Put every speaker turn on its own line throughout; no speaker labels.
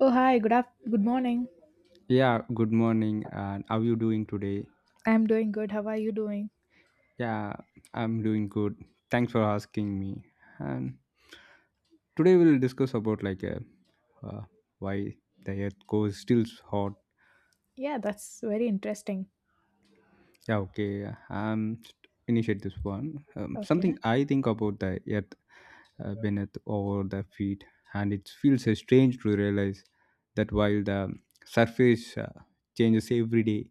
Oh, hi. Good morning.
Yeah, good morning. And how you doing today?
I'm doing good. How are you doing?
Yeah, I'm doing good. Thanks for asking me. And today we'll discuss about like uh, why the earth goes still hot.
Yeah, that's very interesting.
Yeah, okay. Initiate this one.
Okay.
Something I think about the earth. Beneath over the feet, and it feels strange to realize that while the surface changes every day,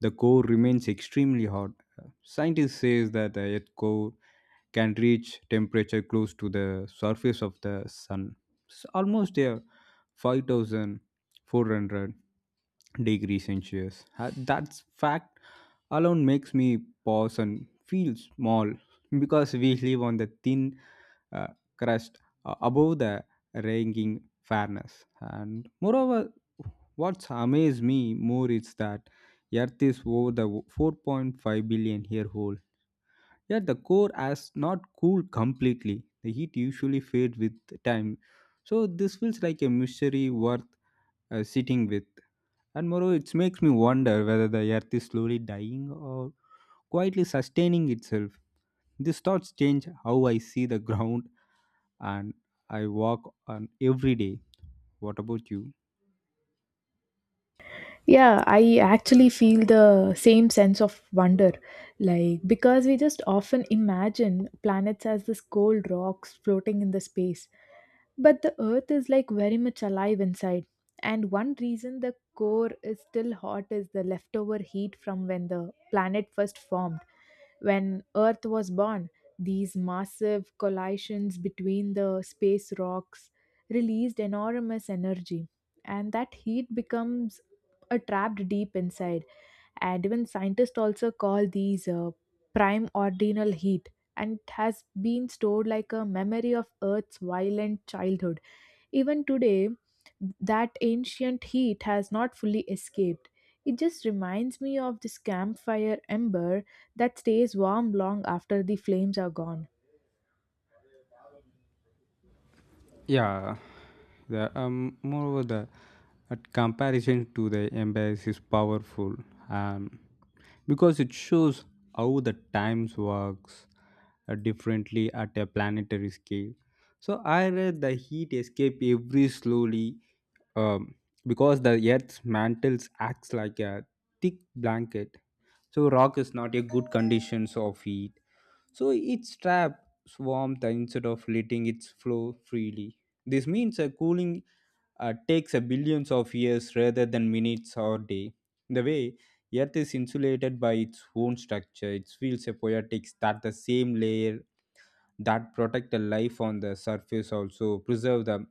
the core remains extremely hot. Uh, Scientists say that the earth core can reach temperature close to the surface of the sun. It's almost there, 5400 degrees Celsius. That fact alone makes me pause and feel small, because we live on the thin, uh, crust above the ranging fairness. And moreover, what's amazed me more is that Earth is over the 4.5 billion year old. Yet the core has not cooled completely. The heat usually fades with time. So this feels like a mystery worth sitting with. And moreover, it makes me wonder whether the earth is slowly dying or quietly sustaining itself. These thoughts change how I see the ground and I walk on every day. What about you?
Yeah, I actually feel the same sense of wonder. Like, because we just often imagine planets as this cold rocks floating in the space, but the earth is like very much alive inside. And one reason the core is still hot is the leftover heat from when the planet first formed. When earth was born, these massive collisions between the space rocks released enormous energy, and that heat becomes a trapped deep inside. And even scientists also call these prime ordinal heat, and it has been stored like a memory of earth's violent childhood. Even today, that ancient heat has not fully escaped. It just reminds me of this campfire ember that stays warm long after the flames are gone.
Yeah, moreover, the at comparison to the embrace is powerful, um, because it shows how the times works differently at a planetary scale. So I read the heat escape every slowly, um, because the Earth's mantles acts like a thick blanket. So rock is not a good conditions of heat, so its traps warmth instead of letting it flow freely. This means a cooling takes a billions of years rather than minutes or day. The way Earth is insulated by its own structure, it feels a poetics that the same layer that protect the life on the surface also preserve the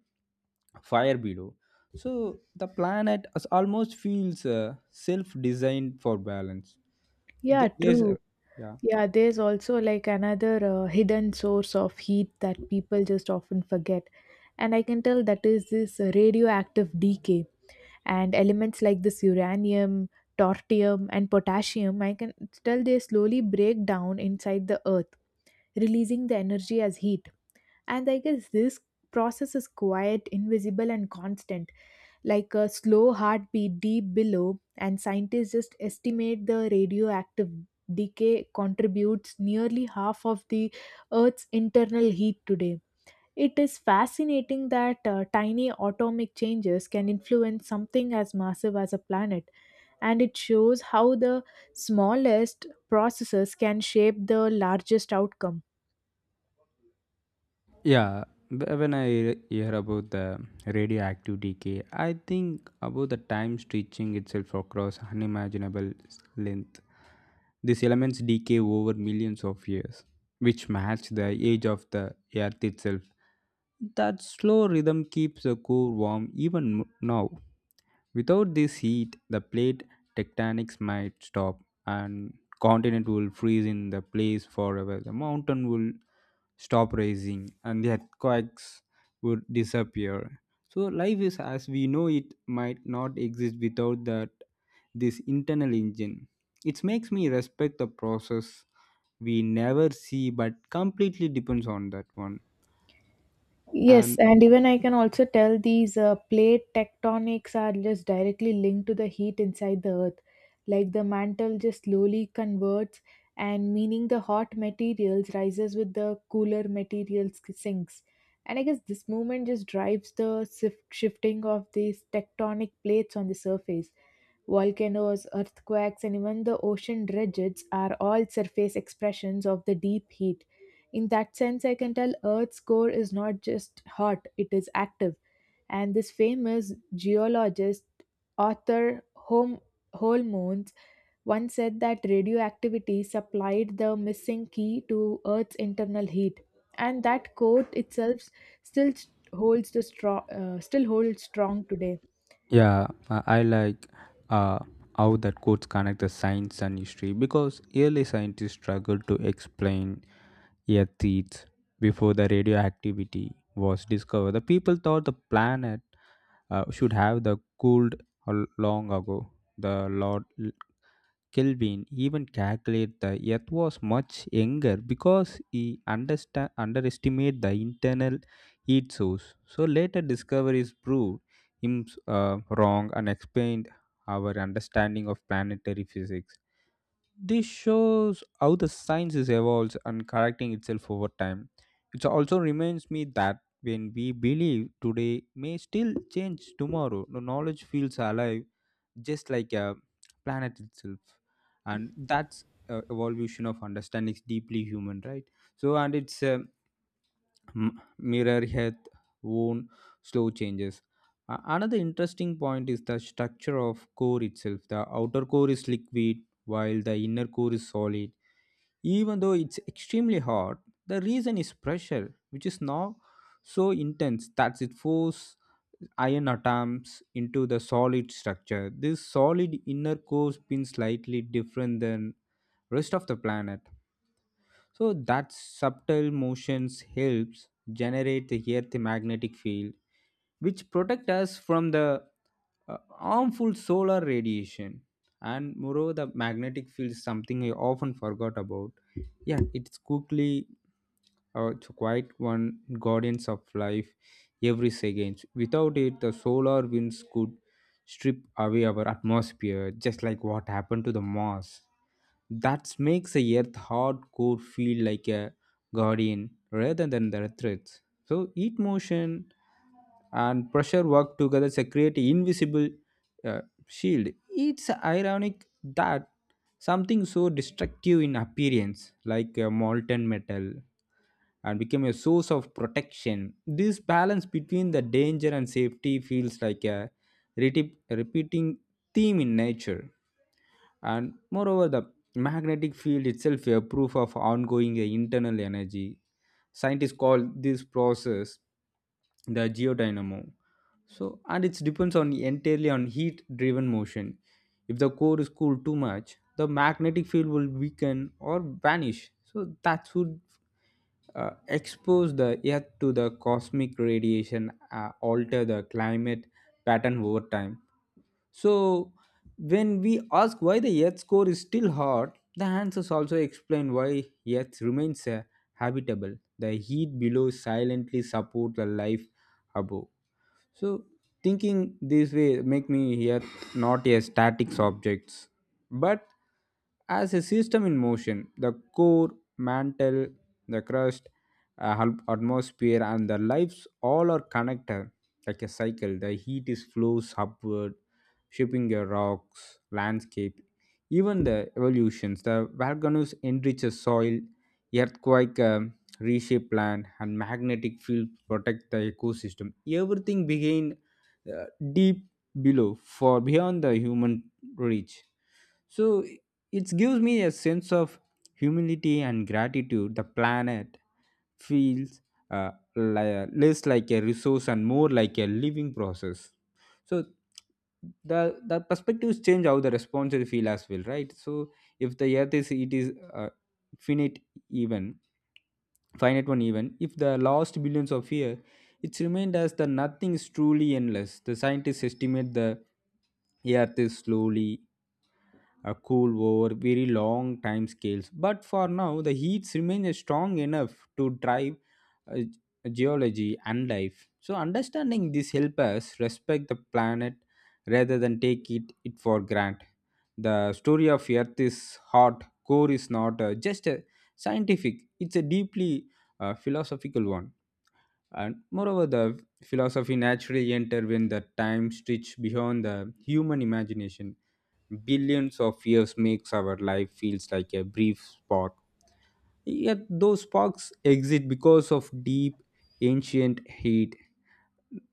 fire below. So the planet almost feels self-designed for balance.
Yeah,
Th- There's
true.
a, yeah.
Yeah, there's also like another hidden source of heat that people just often forget. And I can tell that is this radioactive decay. And elements like this uranium, tortium, and potassium, I can tell they slowly break down inside the earth, releasing the energy as heat. And I guess this process is quiet, invisible, and constant, like a slow heartbeat deep below, and scientists just estimate the radioactive decay contributes nearly half of the Earth's internal heat today. It is fascinating that tiny atomic changes can influence something as massive as a planet, and it shows how the smallest processes can shape the largest outcome.
Yeah, when I hear about the radioactive decay, I think about the time stretching itself across unimaginable length. These elements decay over millions of years, which match the age of the Earth itself. That slow rhythm keeps the core warm even now. Without this heat, the plate tectonics might stop, and continent will freeze in the place forever. The mountain will stop rising and the earthquakes would disappear. So life is as we know it might not exist without that this internal engine. It makes me respect the process we never see but completely depends on that one.
Yes,
And
and even I can also tell these plate tectonics are just directly linked to the heat inside the earth. Like, the mantle just slowly converts, and meaning the hot materials rises with the cooler materials sinks. And I guess this movement just drives the shifting of these tectonic plates on the surface. Volcanoes, earthquakes, and even the ocean ridges are all surface expressions of the deep heat. In that sense, I can tell Earth's core is not just hot, it is active. And this famous geologist, author Home Holmans, once said that radioactivity supplied the missing key to Earth's internal heat. And that quote itself still still holds strong today.
yeah, I like uh, how that quotes connect the science and history, because early scientists struggled to explain earths before the radioactivity was discovered. The people thought the planet should have the cooled a long ago. The Lord Kelvin even calculated the Earth was much younger because he underestimated the internal heat source. So later discoveries proved him wrong and explained our understanding of planetary physics. This shows how the science is evolves and correcting itself over time. It also reminds me that when we believe today may still change tomorrow. The knowledge feels alive, just like a planet itself, and that's evolution of understanding is deeply human, right? So, and it's mirror health own slow changes. Another interesting point is the structure of core itself. The outer core is liquid while the inner core is solid. Even though it's extremely hot, the reason is pressure, which is now so intense that it forces iron atoms into the solid structure. This solid inner core spins slightly different than rest of the planet, so that subtle motions helps generate the earth magnetic field, which protect us from the harmful solar radiation. And moreover, the magnetic field is something I often forgot about. Yeah, it's quite one guardians of life every second. Without it, the solar winds could strip away our atmosphere, just like what happened to the Mars. That makes the Earth hardcore feel like a guardian rather than the threats. So heat motion and pressure work together to create an invisible uh, shield. It's ironic that something so destructive in appearance, like molten metal, and became a source of protection. This balance between the danger and safety feels like a repeating theme in nature. And moreover, the magnetic field itself a proof of ongoing internal energy. Scientists call this process the geodynamo, so and it depends on entirely on heat driven motion. If the core is cooled too much, the magnetic field will weaken or vanish, so that would expose the earth to the cosmic radiation, alter the climate pattern over time. So, when we ask why the Earth core is still hot, the answers also explain why Earth remains habitable. The heat below silently support the life above. So thinking this way make me here not a static objects, but as a system in motion. The core, mantle, the crust, atmosphere, and the lives all are connected like a cycle. The heat is flows upward, shaping your rocks, landscape, even the evolutions. The volcanoes enrich the soil, earthquake reshape land, and magnetic field protect the ecosystem. Everything began uh, deep below, for beyond the human reach. So it gives me a sense of humility and gratitude. The planet feels less like a resource and more like a living process. So the perspectives change how the responses feel as well, right? So if the earth is it is finite, even finite one, even if the last billions of years. It's remained as the nothing is truly endless. The scientists estimate the Earth is slowly a cool over very long time scales. But for now, the heats remain strong enough to drive uh, geology and life. So understanding this help us respect the planet rather than it for granted. The story of Earth is hot, core is not just a scientific, it's a deeply philosophical one. And moreover, the philosophy naturally enter when the time stretch beyond the human imagination. Billions of years makes our life feels like a brief spark. Yet those sparks exist because of deep ancient heat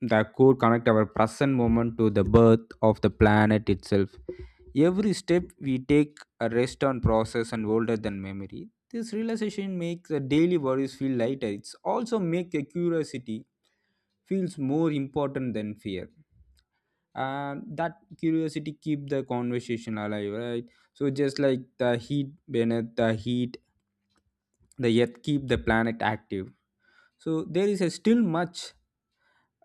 that could connect our present moment to the birth of the planet itself. Every step we take a rest on process and older than memory. This realization makes the daily worries feel lighter. It's also make a curiosity feels more important than fear. And that curiosity keep the conversation alive, right? So just like the heat beneath the heat, the earth keep the planet active. So there is a still much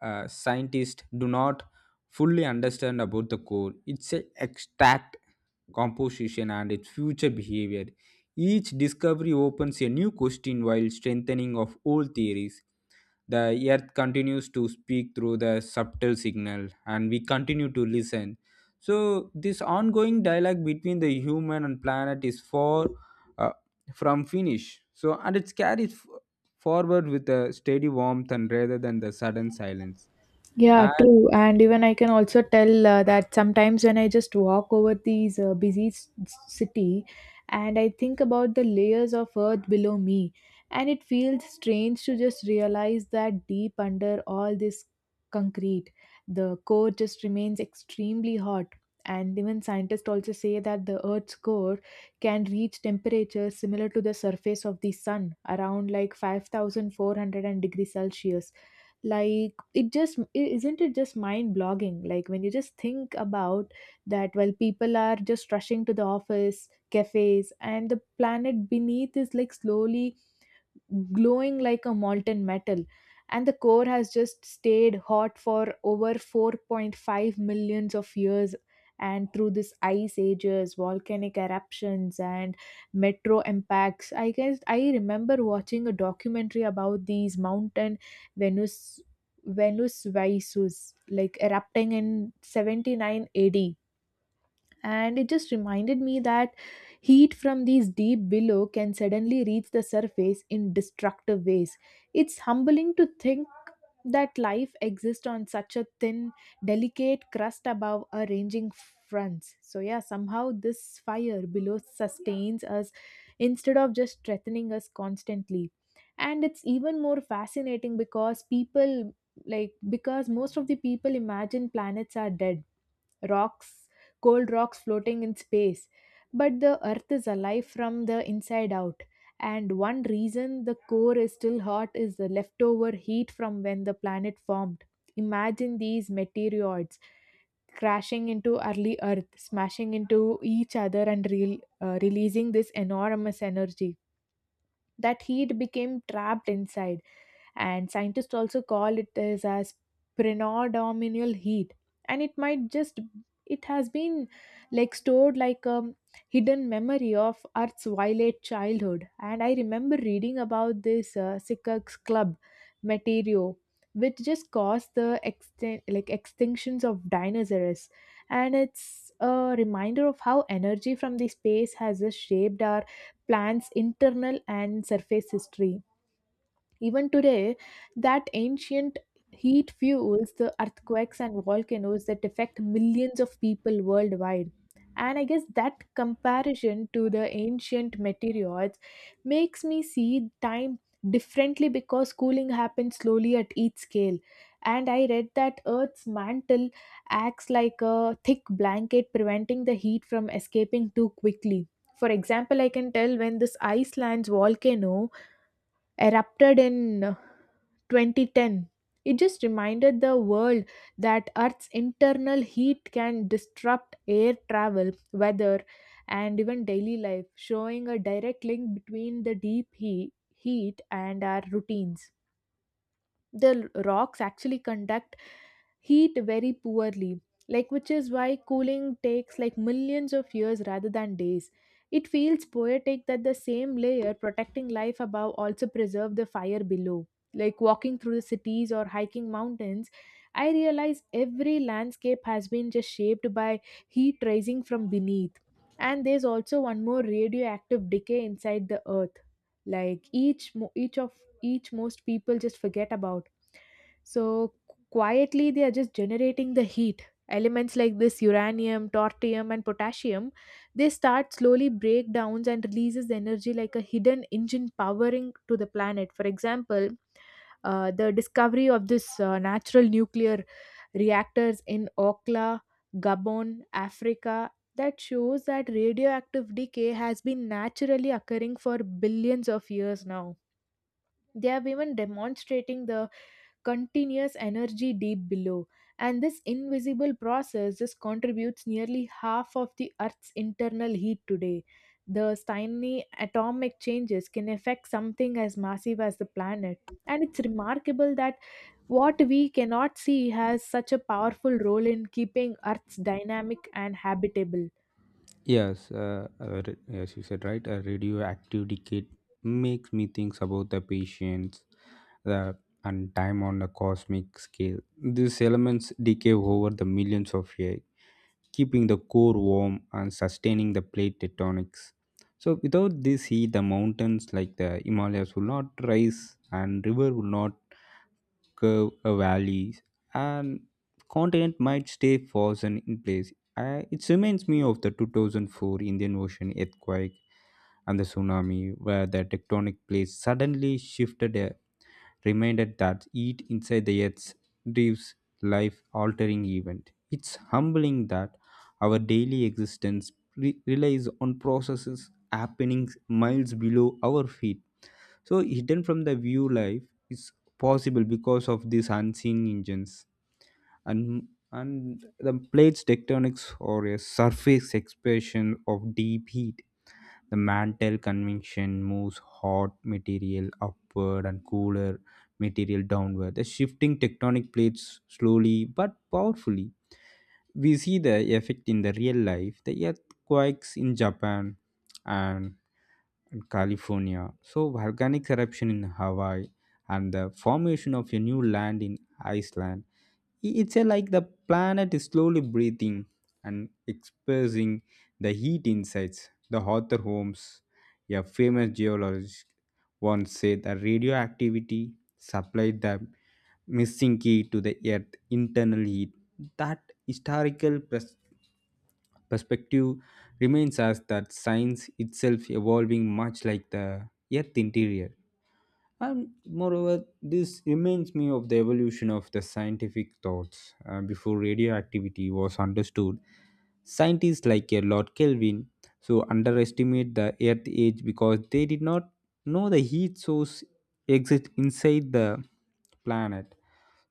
scientists do not fully understand about the core, its extract composition, and its future behavior. Each discovery opens a new question while strengthening of old theories. The earth continues to speak through the subtle signal, and we continue to listen. So, this ongoing dialogue between the human and planet is far uh, from finish. So, and it carries forward with a steady warmth and rather than the sudden silence.
Yeah,
And
true. And even I can also tell that sometimes when I just walk over these busy city, and I think about the layers of earth below me, and it feels strange to just realize that deep under all this concrete, the core just remains extremely hot. And even scientists also say that the earth's core can reach temperatures similar to the surface of the sun, around like 5,400 degrees Celsius. Like, it just isn't it just mind blogging, like when you just think about that while people are just rushing to the office cafes and the planet beneath is like slowly glowing like a molten metal, and the core has just stayed hot for over 4.5 millions of years, and through this ice ages, volcanic eruptions, and metro impacts. I guess I remember watching a documentary about these mountain Venus Visus, like erupting in 79 AD, and it just reminded me that heat from these deep below can suddenly reach the surface in destructive ways. It's humbling to think that life exists on such a thin, delicate crust above a ranging fronts. So yeah, somehow this fire below sustains us instead of just threatening us constantly. And it's even more fascinating because people, like, because most of the people imagine planets are dead rocks, cold rocks floating in space. But the earth is alive from the inside out. And one reason the core is still hot is the leftover heat from when the planet formed. Imagine these meteoroids crashing into early Earth, smashing into each other, and releasing this enormous energy. That heat became trapped inside, and scientists also call it as, predominal heat. And it might just it has been like stored like a hidden memory of earth's violet childhood. And I remember reading about this Sikak's club material, which just caused the like extinctions of dinosaurs, and it's a reminder of how energy from the space has just shaped our plant's internal and surface history. Even today, that ancient heat fuels the earthquakes and volcanoes that affect millions of people worldwide. And I guess that comparison to the ancient meteoroids makes me see time differently, because cooling happens slowly at each scale. And I read that Earth's mantle acts like a thick blanket, preventing the heat from escaping too quickly. For example, I can tell when this Iceland's volcano erupted in 2010. It just reminded the world that Earth's internal heat can disrupt air travel, weather, and even daily life, showing a direct link between the deep heat and our routines. The rocks actually conduct heat very poorly, like, which is why cooling takes like millions of years rather than days. It feels poetic that the same layer protecting life above also preserve the fire below. Like walking through the cities or hiking mountains, I realize every landscape has been just shaped by heat rising from beneath. And there's also one more radioactive decay inside the earth, like each mo- each of each most people just forget about. So quietly, they are just generating the heat. Elements like this uranium, tortium, and potassium, they start slowly breakdowns and releases the energy like a hidden engine powering to the planet. For example, the discovery of this natural nuclear reactors in Okla, Gabon, Africa, that shows that radioactive decay has been naturally occurring for billions of years now. They have even demonstrating the continuous energy deep below, and this invisible process just contributes nearly half of the earth's internal heat today. The tiny atomic changes can affect something as massive as the planet, and it's remarkable that what we cannot see has such a powerful role in keeping earth's dynamic and habitable.
yes, yes, you said right. A radioactive decay makes me think about the patience, the and time on a cosmic scale. These elements decay over the millions of years, keeping the core warm and sustaining the plate tectonics. So, without this heat, the mountains like the Himalayas will not rise, and river will not curve a valleys, and continent might stay frozen in place. I, it reminds me of the 2004 Indian Ocean earthquake and the tsunami, where the tectonic plates suddenly shifted, a reminded that heat inside the earth drives life altering event. It's humbling that our daily existence relies on processes happening miles below our feet. So hidden from the view life is possible because of these unseen engines. And and the plates tectonics or a surface expression of deep heat. The mantle convection moves hot material upward and cooler material downward. The shifting tectonic plates slowly but powerfully. We see the effect in the real life. The earthquakes in Japan and and California. So, volcanic eruption in Hawaii and the formation of a new land in Iceland. It's a, like the planet is slowly breathing and expressing the heat insides. The Arthur Holmes, a famous geologist, once said that radioactivity supplied the missing key to the Earth's internal heat. That historical perspective remains as that science itself evolving much like the Earth interior. And moreover, this reminds me of the evolution of the scientific thoughts. Before radioactivity was understood, scientists like a Lord Kelvin so underestimate the Earth age because they did not know the heat source exists inside the planet.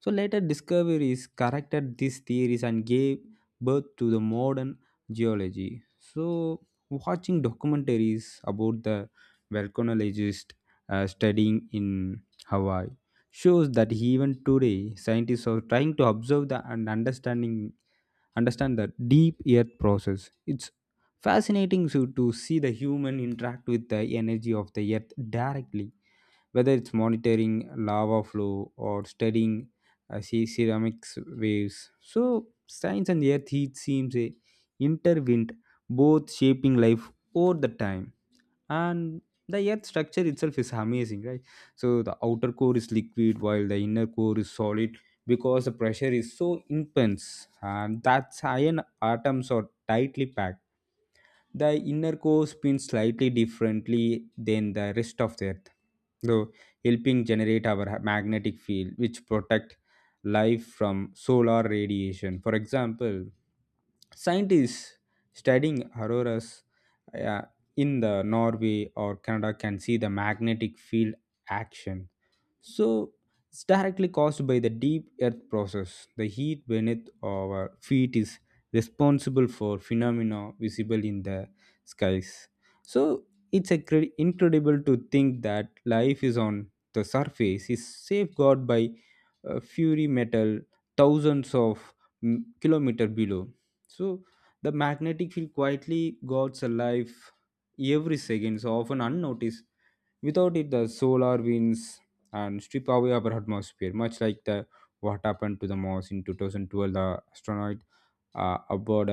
So later discoveries corrected these theories and gave birth to the modern geology. So watching documentaries about the volcanologist studying in Hawaii shows that even today scientists are trying to observe the and understand the deep earth process. It's fascinating to see the human interact with the energy of the earth directly, whether it's monitoring lava flow or studying ceramics waves. So science and earth heat seems a intervened, both shaping life over the time. And the earth structure itself is amazing, right? So the outer core is liquid while the inner core is solid because the pressure is so intense and that's iron atoms are tightly packed. The inner core spins slightly differently than the rest of the earth, though helping generate our magnetic field, which protect life from solar radiation. For example, scientists studying auroras uh, in the Norway or Canada can see the magnetic field action, so it's directly caused by the deep earth process. The heat beneath our feet is responsible for phenomena visible in the skies. So incredible to think that life is on the surface is safeguarded by fury metal thousands of kilometer below. So the magnetic field quietly guards a life every second, so often unnoticed. Without it, the solar winds and strip away our atmosphere, much like the what happened to the Mars in 2012. The astronaut uh, aboard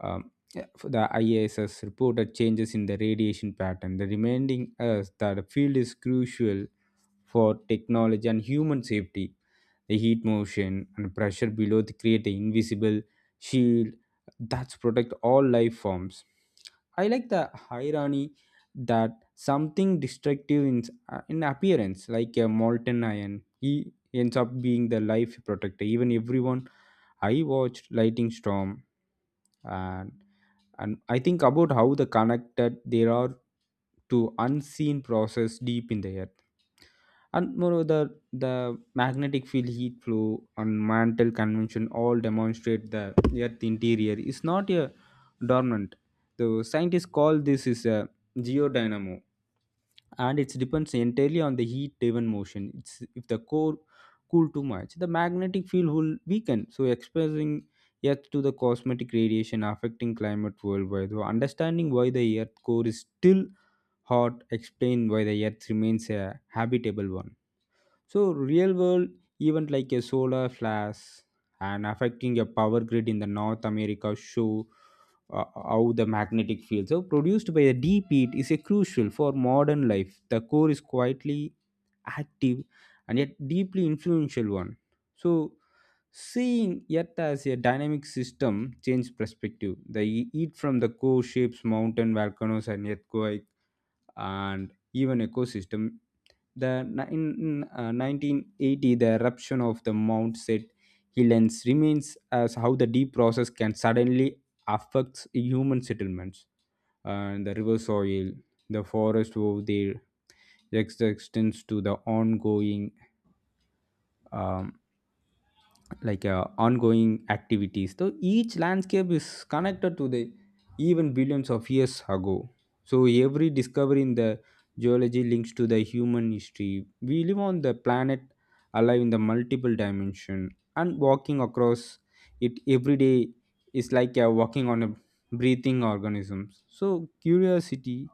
um, yeah, for the ISS reported changes in the radiation pattern, the reminding us that the field is crucial for technology and human safety. The heat motion and pressure below to create an invisible shield that protect all life forms. I like the irony that something destructive in appearance, like a molten iron, he ends up being the life protector. Even everyone I watched Lightning Storm, and and I think about how the connected there are to unseen process deep in the earth. And moreover, the magnetic field heat flow and mantle convention all demonstrate the earth interior is not a dormant. The scientists call this is a geodynamo, and it depends entirely on the heat-driven motion. If the core cool too much, the magnetic field will weaken, so exposing Earth to the cosmetic radiation affecting climate worldwide. So understanding why the Earth core is still hot explain why the Earth remains a habitable one. So real world event like a solar flash and affecting a power grid in the North America show how the magnetic fields are produced by a deep heat is a crucial for modern life. The core is quietly active and yet deeply influential one. So seeing Earth as a dynamic system change perspective. The heat from the core shapes mountain volcanoes and earthquake and even ecosystem. In 1980, the eruption of the Mount St. Helens remains as how the deep process can suddenly affect human settlements and the river soil, the forest of their existence to the ongoing um. Ongoing activities. So each landscape is connected to the even billions of years ago. So every discovery in the geology links to the human history. We live on the planet alive in the multiple dimension, and walking across it every day is walking on a breathing organism. So curiosity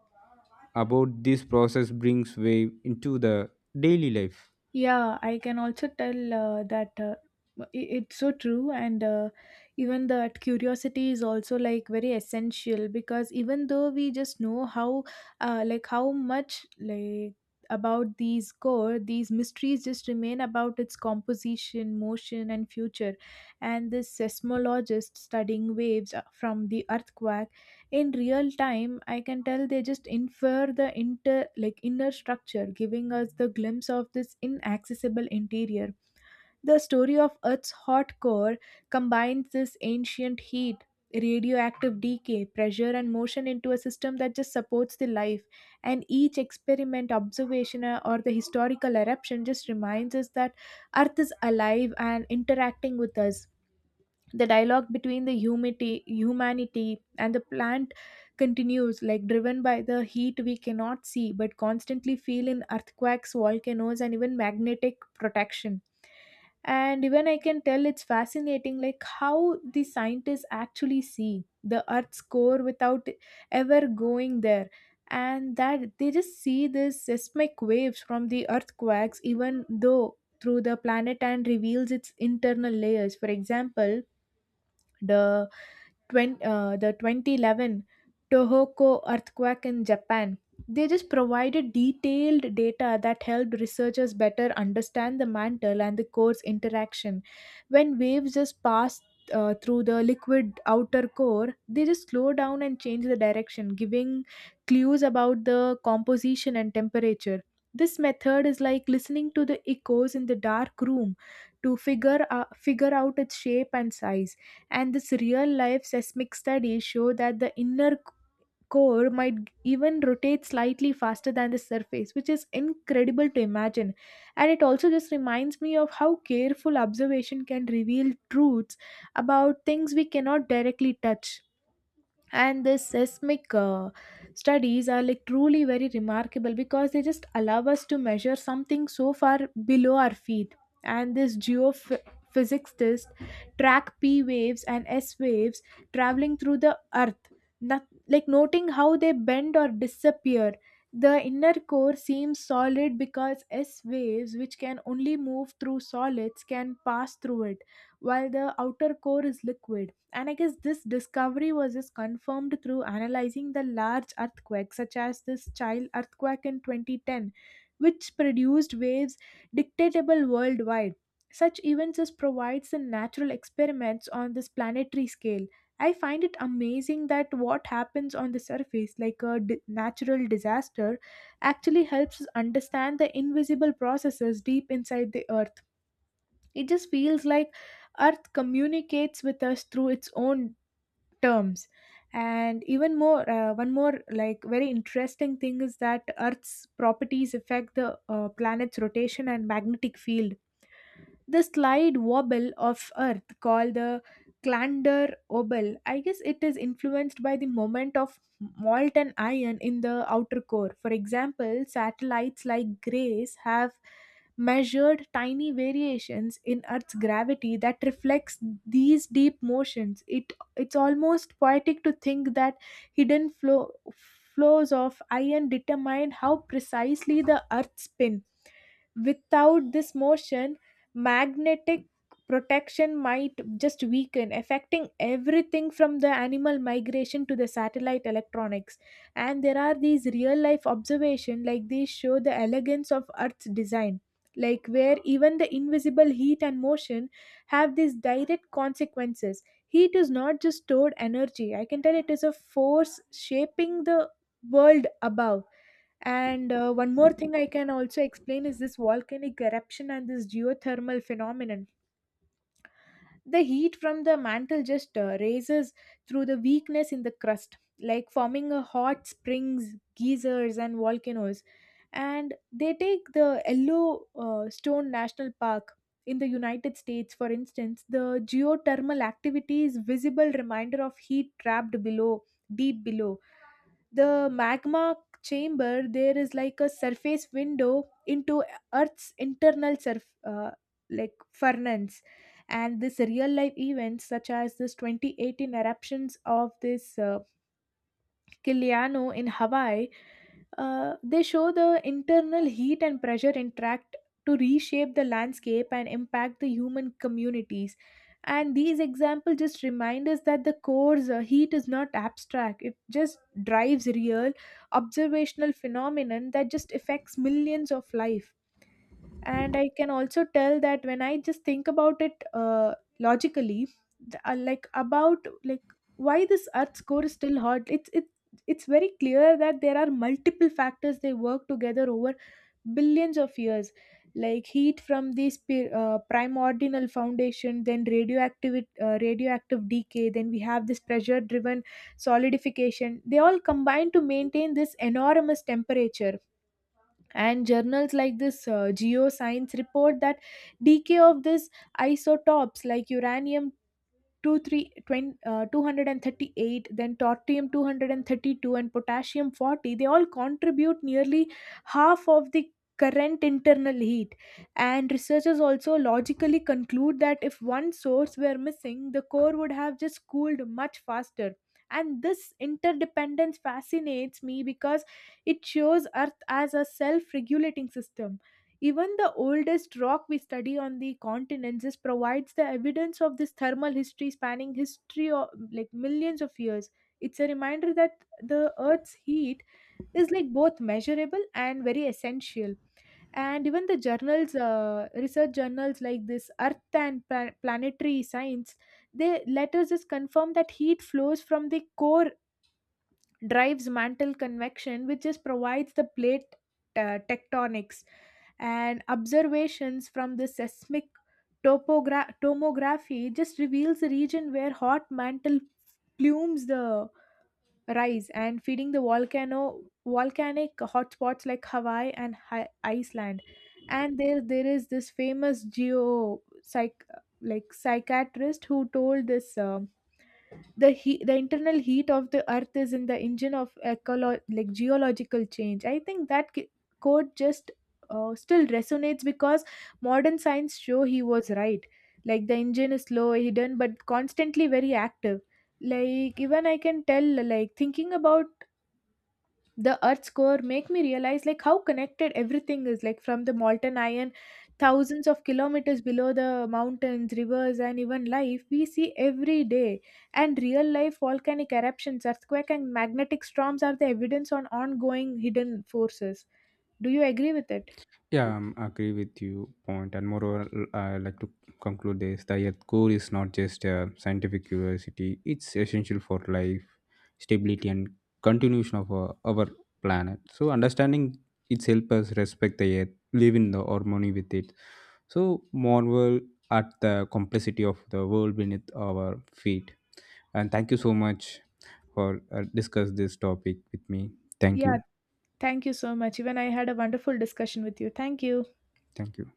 about this process brings way into the daily life.
Yeah, I can also tell that it's so true, and even that curiosity is also like very essential, because even though we just know how, like how much like about these core, these mysteries just remain about its composition, motion, and future. And this seismologist studying waves from the earthquake in real time, I can tell they just infer the inter like inner structure, giving us the glimpse of this inaccessible interior. The story of earth's hot core combines this ancient heat, radioactive decay, pressure, and motion into a system that just supports the life. And each experiment observation, or the historical eruption, just reminds us that earth is alive and interacting with us. The dialogue between the humanity and the plant continues, like driven by the heat we cannot see but constantly feel in earthquakes, volcanoes, and even magnetic protection. And even I can tell it's fascinating like how the scientists actually see the earth's core without ever going there. And that they just see the seismic waves from the earthquakes, even though through the planet and reveals its internal layers. For example, the 20, uh, the 2011 Tohoku earthquake in Japan. They just provided detailed data that helped researchers better understand the mantle and the core's interaction. When waves just pass through the liquid outer core, they just slow down and change the direction, giving clues about the composition and temperature. This method is like listening to the echoes in the dark room to figure out its shape and size. And this real life seismic studies show that the core might even rotate slightly faster than the surface, which is incredible to imagine. And it also just reminds me of how careful observation can reveal truths about things we cannot directly touch. And the seismic studies are like truly very remarkable, because they just allow us to measure something so far below our feet. And this geophysics test track P waves and S waves traveling through the earth, not, like noting how they bend or disappear. The inner core seems solid because S waves, which can only move through solids, can pass through it, while the outer core is liquid. And I guess this discovery was just confirmed through analyzing the large earthquakes, such as this Chile earthquake in 2010, which produced waves detectable worldwide. Such events just provides the natural experiments on this planetary scale. I find it amazing that what happens on the surface, like a natural disaster, actually helps us understand the invisible processes deep inside the earth. It just feels like earth communicates with us through its own terms. And even more one more like very interesting thing is that earth's properties affect the planet's rotation and magnetic field. The slide wobble of earth called the clander wobble, I guess, it is influenced by the moment of molten iron in the outer core. For example, satellites like grace have measured tiny variations in earth's gravity that reflects these deep motions. It's almost poetic to think that hidden flows of iron determine how precisely the earth spins. Without this motion, magnetic protection might just weaken, affecting everything from the animal migration to the satellite electronics. And there are these real life observations, like these show the elegance of earth's design, like where even the invisible heat and motion have these direct consequences. Heat is not just stored energy. I can tell it is a force shaping the world above. And one more thing I can also explain is this volcanic eruption and this geothermal phenomenon. The heat from the mantle just raises through the weakness in the crust, like forming a hot springs, geysers, and volcanoes. And they take the Yellowstone National Park in the United States, for instance. The geothermal activity is visible reminder of heat trapped below, deep below the magma chamber. There is like a surface window into earth's internal surf like furnace. And this real life events such as this 2018 eruptions of this Kiliano in Hawaii, they show the internal heat and pressure interact to reshape the landscape and impact the human communities. And these examples just remind us that the core's heat is not abstract. It just drives real observational phenomenon that just affects millions of life. And I can also tell that when I just think about it logically, like about like why this earth's core is still hot, it's very clear that there are multiple factors they work together over billions of years. Like heat from this primordial foundation, then radioactive decay, then we have this pressure driven solidification. They all combine to maintain this enormous temperature. And journals like this geoscience report that decay of these isotopes like uranium 2 3 20, 238, then tortium 232, and potassium 40, they all contribute nearly half of the current internal heat. And researchers also logically conclude that if one source were missing, the core would have just cooled much faster. And this interdependence fascinates me because it shows earth as a self-regulating system. Even the oldest rock we study on the continents is provides the evidence of this thermal history spanning history of like millions of years. It's a reminder that the Earth's heat is like both measurable and very essential. And even the journals, research journals like this Earth and Planetary Science, they let us just confirm that heat flows from the core drives mantle convection, which just provides the plate tectonics. And observations from the seismic tomography just reveals the region where hot mantle plumes the rise and feeding the volcano volcanic hotspots like Hawaii and Iceland. And there is this famous geo psych like psychiatrist who told this: the internal heat of the earth is in the engine of like geological change. I think that quote just still resonates because modern science show he was right. Like the engine is slow, hidden but constantly very active. Like even I can tell, like thinking about the earth's core make me realize like how connected everything is, like from the molten iron thousands of kilometers below the mountains, rivers, and even life we see every day. And real life volcanic eruptions, earthquake, and magnetic storms are the evidence on ongoing hidden forces. Do you agree with it?
Yeah, I agree with you point, and moreover, I like to conclude this: the Earth core is not just a scientific curiosity; it's essential for life, stability, and continuation of our planet. So, understanding it helps us respect the Earth, live in the harmony with it. So, marvel at the complexity of the world beneath our feet. And thank you so much for discuss this topic with me. Thank
Yeah,
you,
thank you so much. Even I had a wonderful discussion with you. Thank you.
thank you.